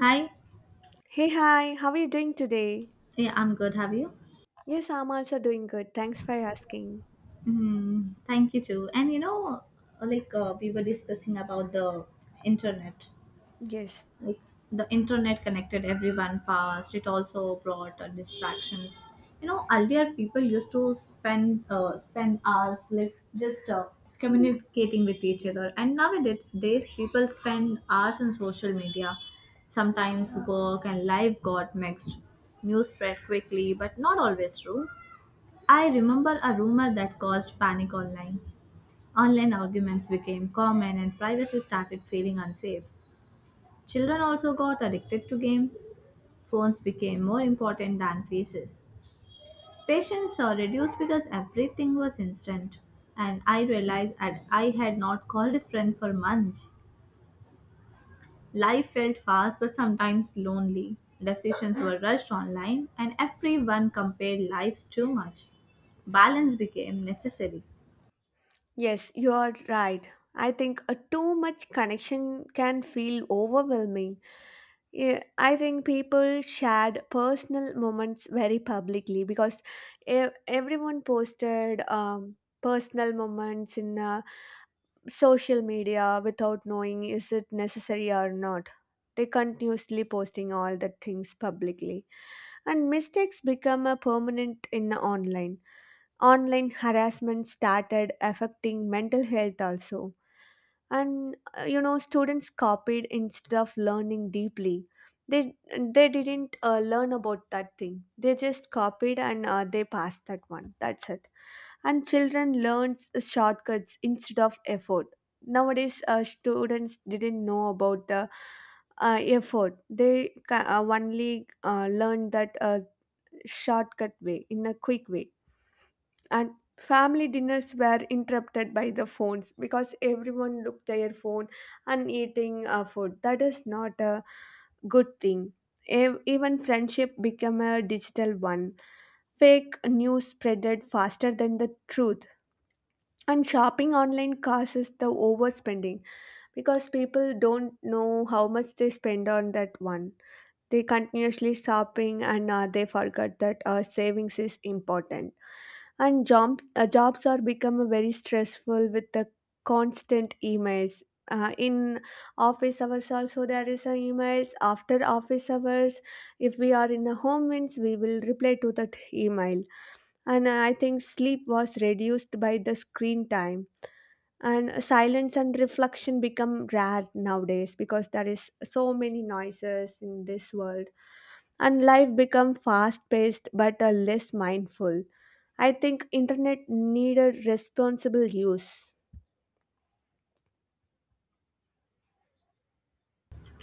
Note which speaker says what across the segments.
Speaker 1: Hi.
Speaker 2: Hey, hi, how are you doing today?
Speaker 1: Yeah, I'm good. Have you?
Speaker 2: Yes, I'm also doing good. Thanks for asking.
Speaker 1: Mm, thank you too. And you know, like we were discussing about the internet.
Speaker 2: Yes,
Speaker 1: Like the internet connected everyone fast. It also brought distractions. You know, earlier people used to spend hours like just communicating with each other, and nowadays people spend hours on social media. Sometimes work and life got mixed. News spread quickly, but not always true. I remember a rumor that caused panic online. Online arguments became common and privacy started feeling unsafe. Children also got addicted to games. Phones became more important than faces. Patience are reduced because everything was instant. And I realized that I had not called a friend for months. Life felt fast but sometimes lonely. Decisions were rushed online and everyone compared lives too much balance became necessary.
Speaker 2: yes, you are right. I think a too much connection can feel overwhelming. Yeah, I think people shared personal moments very publicly because everyone posted personal moments in social media without knowing is it necessary or not. They continuously posting all the things publicly and mistakes become a permanent in online. Harassment started affecting mental health also, and you know students copied instead of learning deeply. They they didn't learn about that thing. They just copied and they passed that one, that's it. And children learned shortcuts instead of effort. Nowadays students didn't know about the effort. They only learned that shortcut way, in a quick way. And family dinners were interrupted by the phones because everyone looked their phone and eating food. That is not a good thing. Even friendship became a digital one. Fake news spreaded faster than the truth. And shopping online causes the overspending because people don't know how much they spend on that one. They continuously shopping and they forgot that savings is important. And jobs are become very stressful with the constant emails in office hours. Also there is a emails after office hours. If we are in a home means we will reply to that email. And I think sleep was reduced by the screen time, and silence and reflection become rare nowadays because there is so many noises in this world, and life become fast paced but less mindful. I think internet needed responsible use.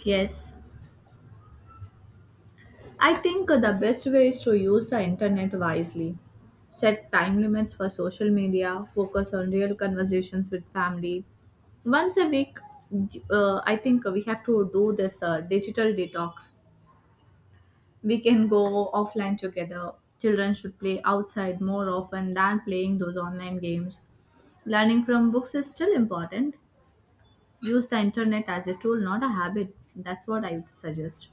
Speaker 1: Yes, I think the best way is to use the internet wisely. Set time limits for social media, focus on real conversations with family. Once a week, I think we have to do this digital detox. We can go offline together. Children should play outside more often than playing those online games. Learning from books is still important. Use the internet as a tool, not a habit. That's what I would suggest.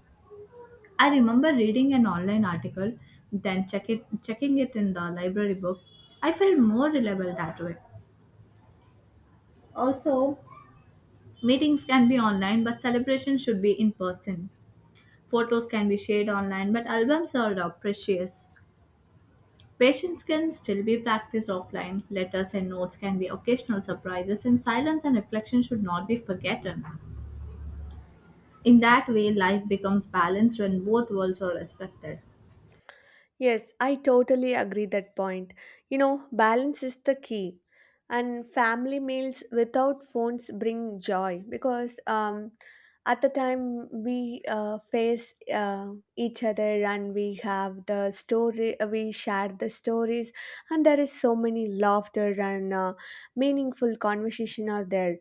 Speaker 1: I remember reading an online article, then checking it in the library book. I felt more reliable that way. Also, meetings can be online, but celebrations should be in person. Photos can be shared online, but albums are the precious. Patience can still be practiced offline. Letters and notes can be occasional surprises, and silence and reflection should not be forgotten. In that way, life becomes balanced when both worlds are respected.
Speaker 2: Yes, I totally agree that point. You know, balance is the key. And family meals without phones bring joy because at the time we face each other, and we have the we share the stories, and there is so many laughter and meaningful conversation are there.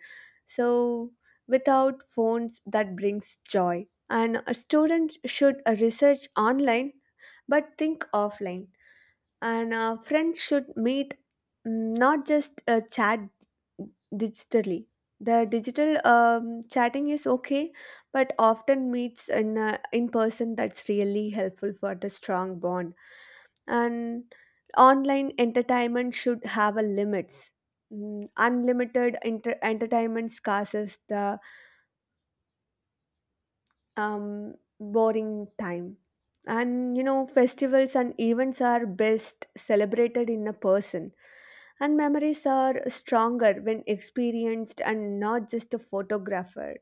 Speaker 2: So without phones, that brings joy. And a student should research online but think offline. And friends should meet, not just chat digitally. The digital chatting is okay, but often meets in person. That's really helpful for the strong bond. And online entertainment should have a limits. Unlimited entertainment scarces the um, boring time. And you know, festivals and events are best celebrated in a person, and memories are stronger when experienced and not just a photographer.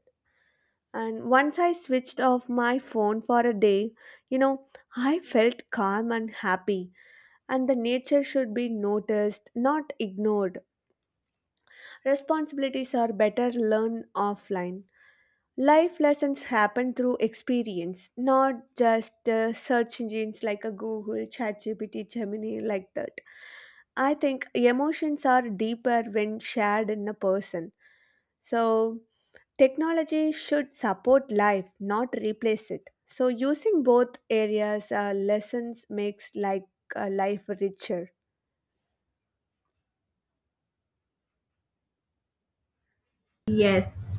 Speaker 2: And once I switched off my phone for a day, you know, I felt calm and happy. And the nature should be noticed, not ignored. Responsibilities are better learned offline. Life lessons happen through experience, not just search engines like a Google, ChatGPT, Gemini, like that. I think emotions are deeper when shared in a person. So, technology should support life, not replace it. So, using both areas, lessons makes like life richer.
Speaker 1: Yes,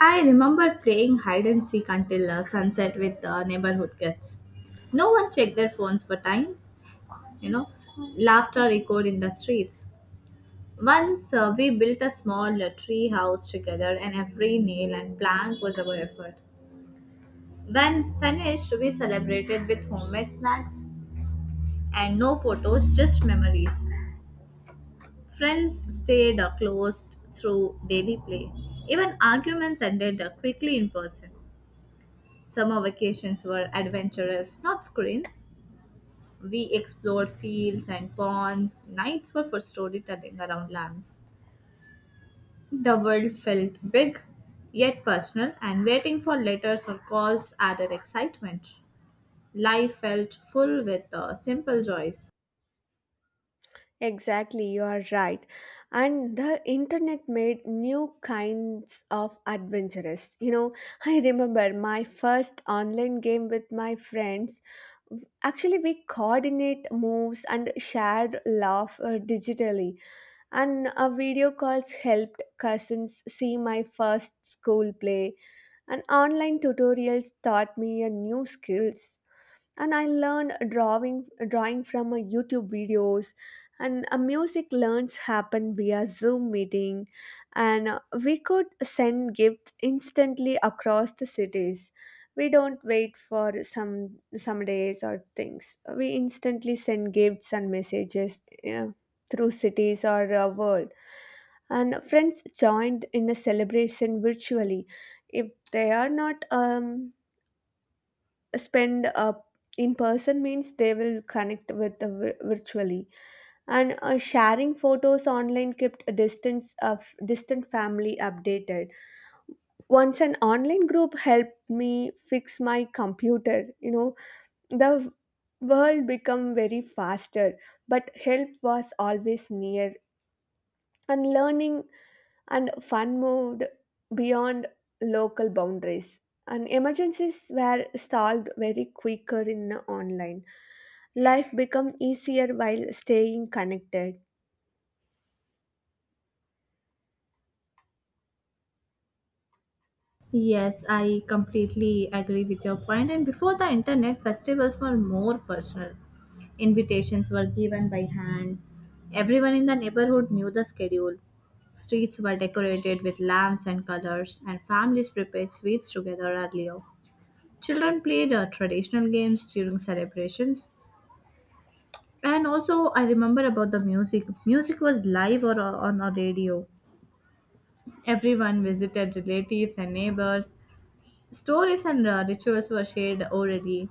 Speaker 1: I remember playing hide and seek until sunset with neighborhood kids. No one checked their phones for time, you know. Laughter echoed in the streets. Once we built a small tree house together, and every nail and plank was our effort. When finished, we celebrated with homemade snacks and no photos, just memories. Friends stayed close through daily play. Even arguments ended quickly in person. Summer vacations were adventurous, not screens. We explored fields and ponds. Nights were for storytelling around lamps. The world felt big, yet personal, and waiting for letters or calls added excitement. Life felt full with simple joys.
Speaker 2: Exactly, you are right. And the internet made new kinds of adventurous. You know, I remember my first online game with my friends. Actually, we coordinate moves and shared laugh digitally. And a video calls helped cousins see my first school play. And online tutorials taught me a new skills, and I learned drawing from YouTube videos, and music learns happen via Zoom meeting, and we could send gifts instantly across the cities. We don't wait for some days or things. We instantly send gifts and messages, yeah, through cities or world. And friends joined in a celebration virtually. If they are not spend in person means they will connect with the virtually. And sharing photos online kept a distance of distant family updated. Once an online group helped me fix my computer, you know. The world become very faster, but help was always near. And learning and fun moved beyond local boundaries, and emergencies were solved very quicker in online. Life become easier while staying connected.
Speaker 1: Yes, I completely agree with your point. And before the internet, festivals were more personal. Invitations were given by hand. Everyone in the neighborhood knew the schedule. Streets were decorated with lamps and colors, and families prepared sweets together earlier. Children played traditional games during celebrations. And also, I remember about the music. Music was live or on a radio. Everyone visited relatives and neighbors. Stories and rituals were shared orally.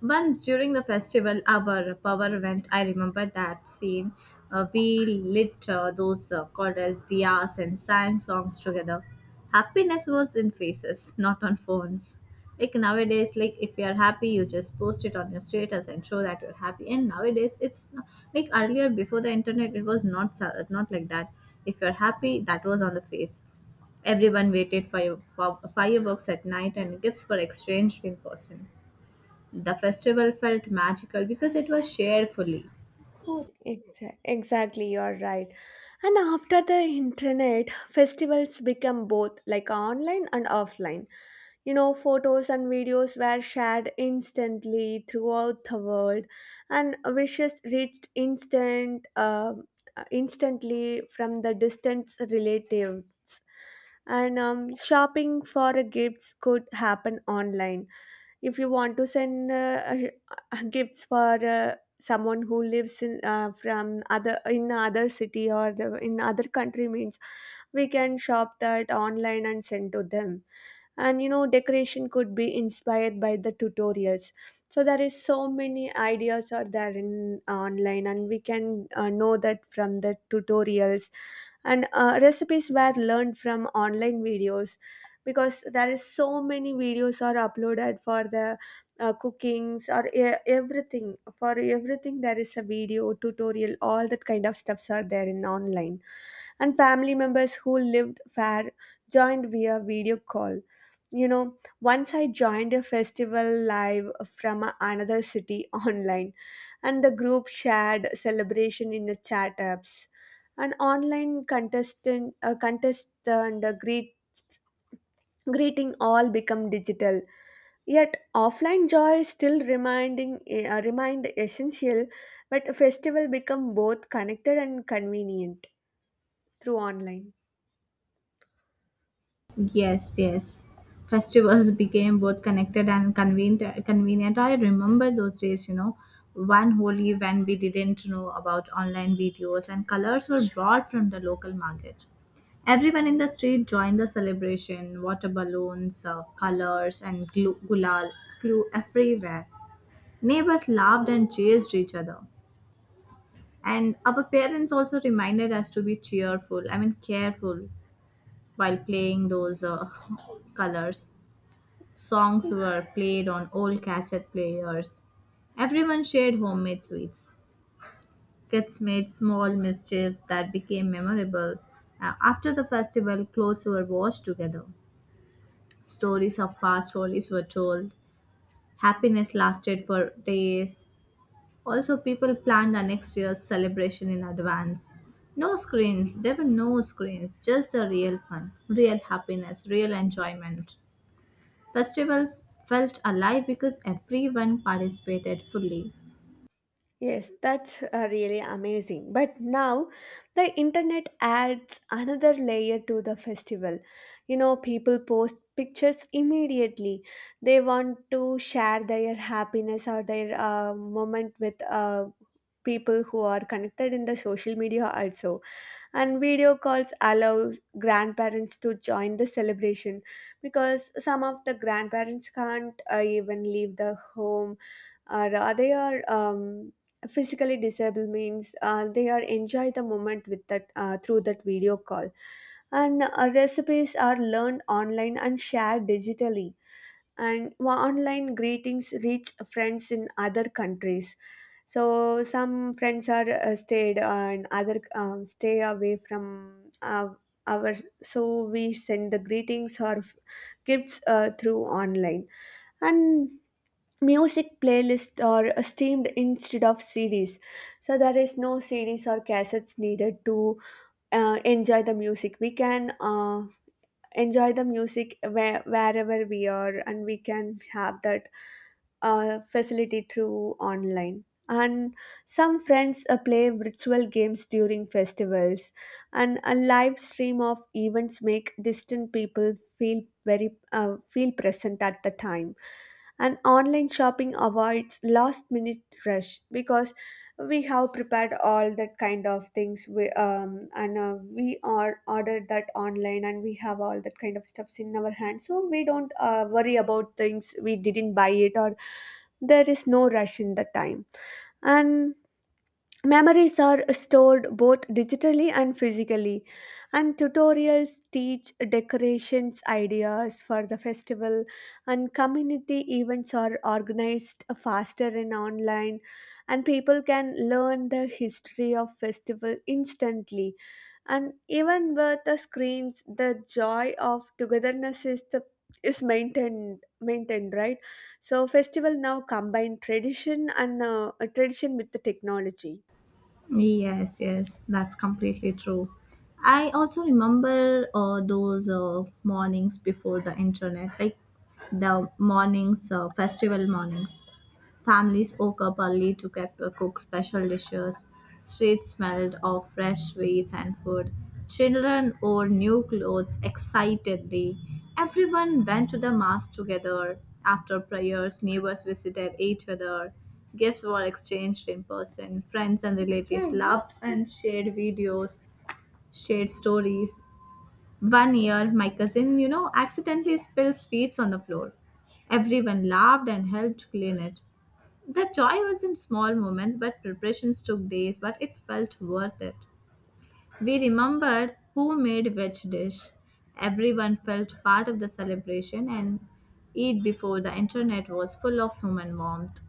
Speaker 1: Once during the festival, our power went. I remember that scene. We lit those called as diyas and sang songs together. Happiness was in faces, not on phones. Like nowadays, like if you are happy, you just post it on your status and show that you're happy. And nowadays, it's not- like earlier before the internet, it was not like that. If you're happy, that was on the face. Everyone waited for your for fireworks at night and gifts were exchanged in person. The festival felt magical because it was shared fully.
Speaker 2: Exactly, you're right. And after the internet, festivals become both like online and offline. You know, photos and videos were shared instantly throughout the world, and wishes reached instantly from the distant relatives. And shopping for gifts could happen online. If you want to send gifts for someone who lives in from other city or the, in other country means we can shop that online and send to them. And you know, decoration could be inspired by the tutorials. So there is so many ideas are there in online, and we can know that from the tutorials. And recipes were learned from online videos because there is so many videos are uploaded for the cookings or everything. For everything there is a video tutorial. All that kind of stuffs are there in online. And family members who lived far joined via video call. You know, once I joined a festival live from another city online, and the group shared celebration in the chat apps. And online contest and greeting all become digital, yet offline joy still remained essential. But a festival become both connected and convenient through online.
Speaker 1: Yes, yes. Festivals became both connected and convenient. Convenient. I remember those days. You know, one holy when we didn't know about online videos and colors were brought from the local market. Everyone in the street joined the celebration. Water balloons, colors, and gulal flew everywhere. Neighbors laughed and chased each other. And our parents also reminded us to be cheerful, I mean, careful while playing those colors. Songs were played on old cassette players. Everyone shared homemade sweets. Kids made small mischiefs that became memorable. After the festival, clothes were washed together. Stories of past holidays were told. Happiness lasted for days. Also, people planned our next year's celebration in advance. There were no screens, just the real fun, real happiness, real enjoyment. Festivals felt alive because everyone participated fully.
Speaker 2: Yes, that's really amazing. But now the internet adds another layer to the festival. You know, people post pictures immediately. They want to share their happiness or their moment with people who are connected in the social media also. And video calls allow grandparents to join the celebration because some of the grandparents can't even leave the home, or they are physically disabled means they are enjoy the moment with that through that video call. And recipes are learned online and shared digitally. And online greetings reach friends in other countries. So some friends are stayed, and other stay away from our. So we send the greetings or gifts through online. And music playlists are streamed instead of CDs. So there is no CDs or cassettes needed to enjoy the music. We can enjoy the music wherever we are, and we can have that facility through online. And some friends play virtual games during festivals, and a live stream of events make distant people feel very feel present at the time. And online shopping avoids last minute rush because we have prepared all that kind of things. We are ordered that online, and we have all that kind of stuffs in our hand, so we don't worry about things we didn't buy it, or there is no rush in the time. And memories are stored both digitally and physically, and tutorials teach decorations ideas for the festival, and community events are organized faster in online, and people can learn the history of festival instantly. And even with the screens, the joy of togetherness is the is maintained, right? So festival now combine tradition with the technology.
Speaker 1: Yes, yes, that's completely true. I also remember those mornings before the internet, like the mornings, festival mornings. Families woke up early to cook special dishes. Streets smelled of fresh sweets and food. Children wore new clothes excitedly. Everyone went to the mass together. After prayers, neighbors visited each other. Gifts were exchanged in person. Friends and relatives laughed and shared stories. One year, my cousin, you know, accidentally spilled sweets on the floor. Everyone laughed and helped clean it. The joy was in small moments, but preparations took days, but it felt worth it. We remembered who made which dish. Everyone felt part of the celebration and eat before the internet was full of human warmth.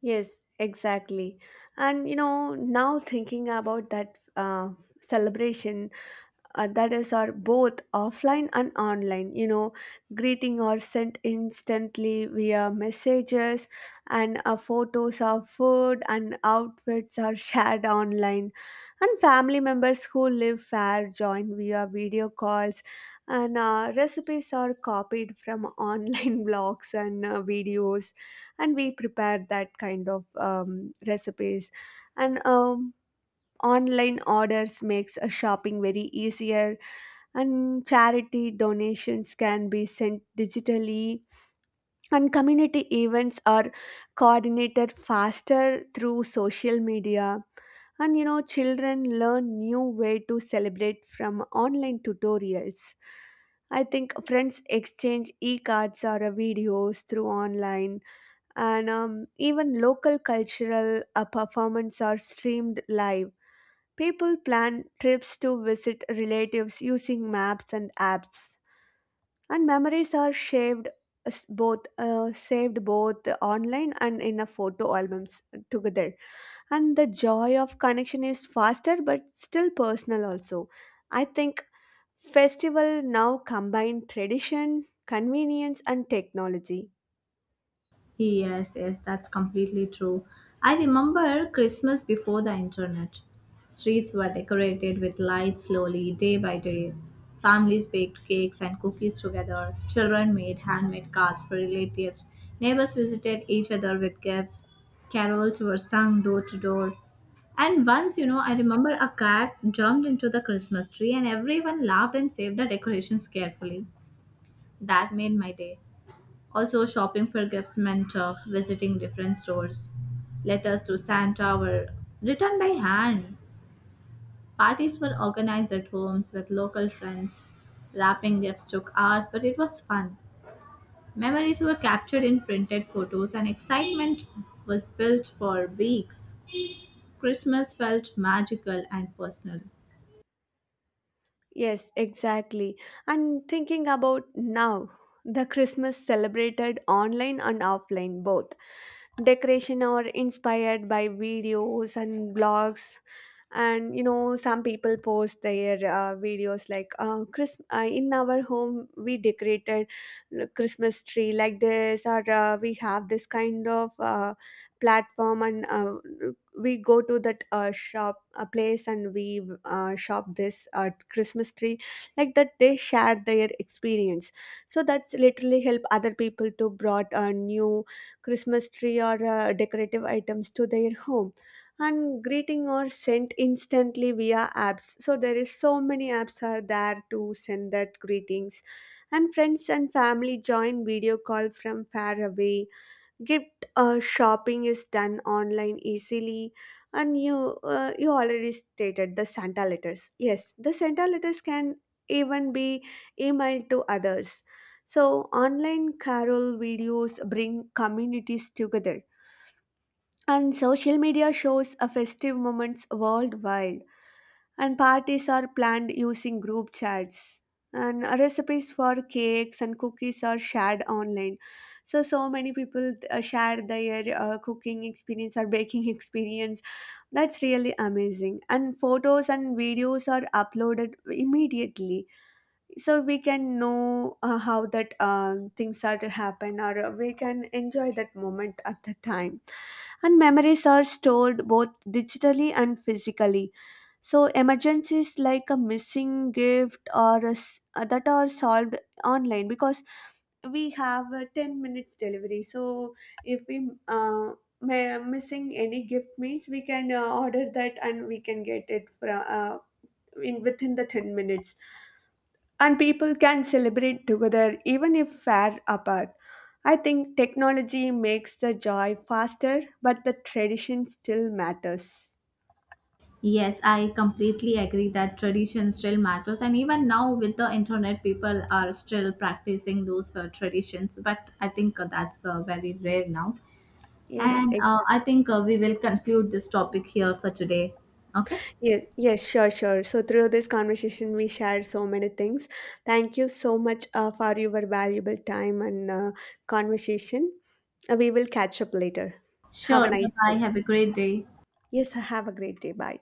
Speaker 2: Yes, exactly. And you know, now thinking about that celebration, that is our both offline and online, you know, greeting are sent instantly via messages, and photos of food and outfits are shared online. And family members who live far join via video calls, and recipes are copied from online blogs and videos, and we prepare that kind of recipes. And online orders makes a shopping very easier, and charity donations can be sent digitally, and community events are coordinated faster through social media. And you know, children learn new way to celebrate from online tutorials. I think friends exchange e cards or videos through online, and even local cultural performances are streamed live. People plan trips to visit relatives using maps and apps, and memories are shaved s- both saved both online and in a photo albums together. And the joy of connection is faster but still personal also. I think festival now combine tradition, convenience and technology.
Speaker 1: Yes, yes, that's completely true. I remember Christmas before the internet. Streets were decorated with lights slowly, day by day. Families baked cakes and cookies together. Children made handmade cards for relatives. Neighbors visited each other with gifts. Carols were sung door to door. And once, you know, I remember a cat jumped into the Christmas tree and everyone laughed and saved the decorations carefully. That made my day. Also, shopping for gifts meant visiting different stores, letters to Santa were written by hand. Parties were organized at homes with local friends. Wrapping gifts took hours, but it was fun. Memories were captured in printed photos, and excitement was built for weeks. Christmas felt magical and personal.
Speaker 2: Yes, exactly. And thinking about now, the Christmas celebrated online and offline both. Decoration are inspired by videos and blogs. And you know, some people post their videos like in our home we decorated christmas tree like this, or we have this kind of platform, and we go to that shop a place, and we shop this christmas tree. Like that they share their experience. So that's literally help other people to brought a new christmas tree or decorative items to their home. And greeting are sent instantly via apps. So there is so many apps are there to send that greetings. And friends and family join video call from far away. Gift shopping is done online easily. And you already stated the santa letters. Yes, the santa letters can even be emailed to others. So online carol videos bring communities together, and social media shows a festive moments worldwide, and parties are planned using group chats. And recipes for cakes and cookies are shared online. So, so many people share their cooking experience or baking experience. That's really amazing. And photos and videos are uploaded immediately. So, we can know how that things are to happen, or we can enjoy that moment at the time. And memories are stored both digitally and physically. So emergencies like a missing gift or a s that are solved online, because we have a 10 minutes delivery. So if we uh, missing any gift means we can order that, and we can get it from in within the 10 minutes. And people can celebrate together even if far apart. I think technology makes the joy faster, but the tradition still matters.
Speaker 1: Yes, I completely agree that tradition still matters, and even now with the internet, people are still practicing those traditions. But I think that's very rare now,
Speaker 2: Yes,
Speaker 1: and
Speaker 2: exactly.
Speaker 1: I think we will conclude this topic here for today. Okay,
Speaker 2: Yes, sure. So through this conversation, we shared so many things. Thank you so much for your valuable time and conversation. We will catch up later. Have a
Speaker 1: sure. Bye
Speaker 2: nice
Speaker 1: bye.
Speaker 2: day.
Speaker 1: Have a great day.
Speaker 2: Yes, have a great day. Bye.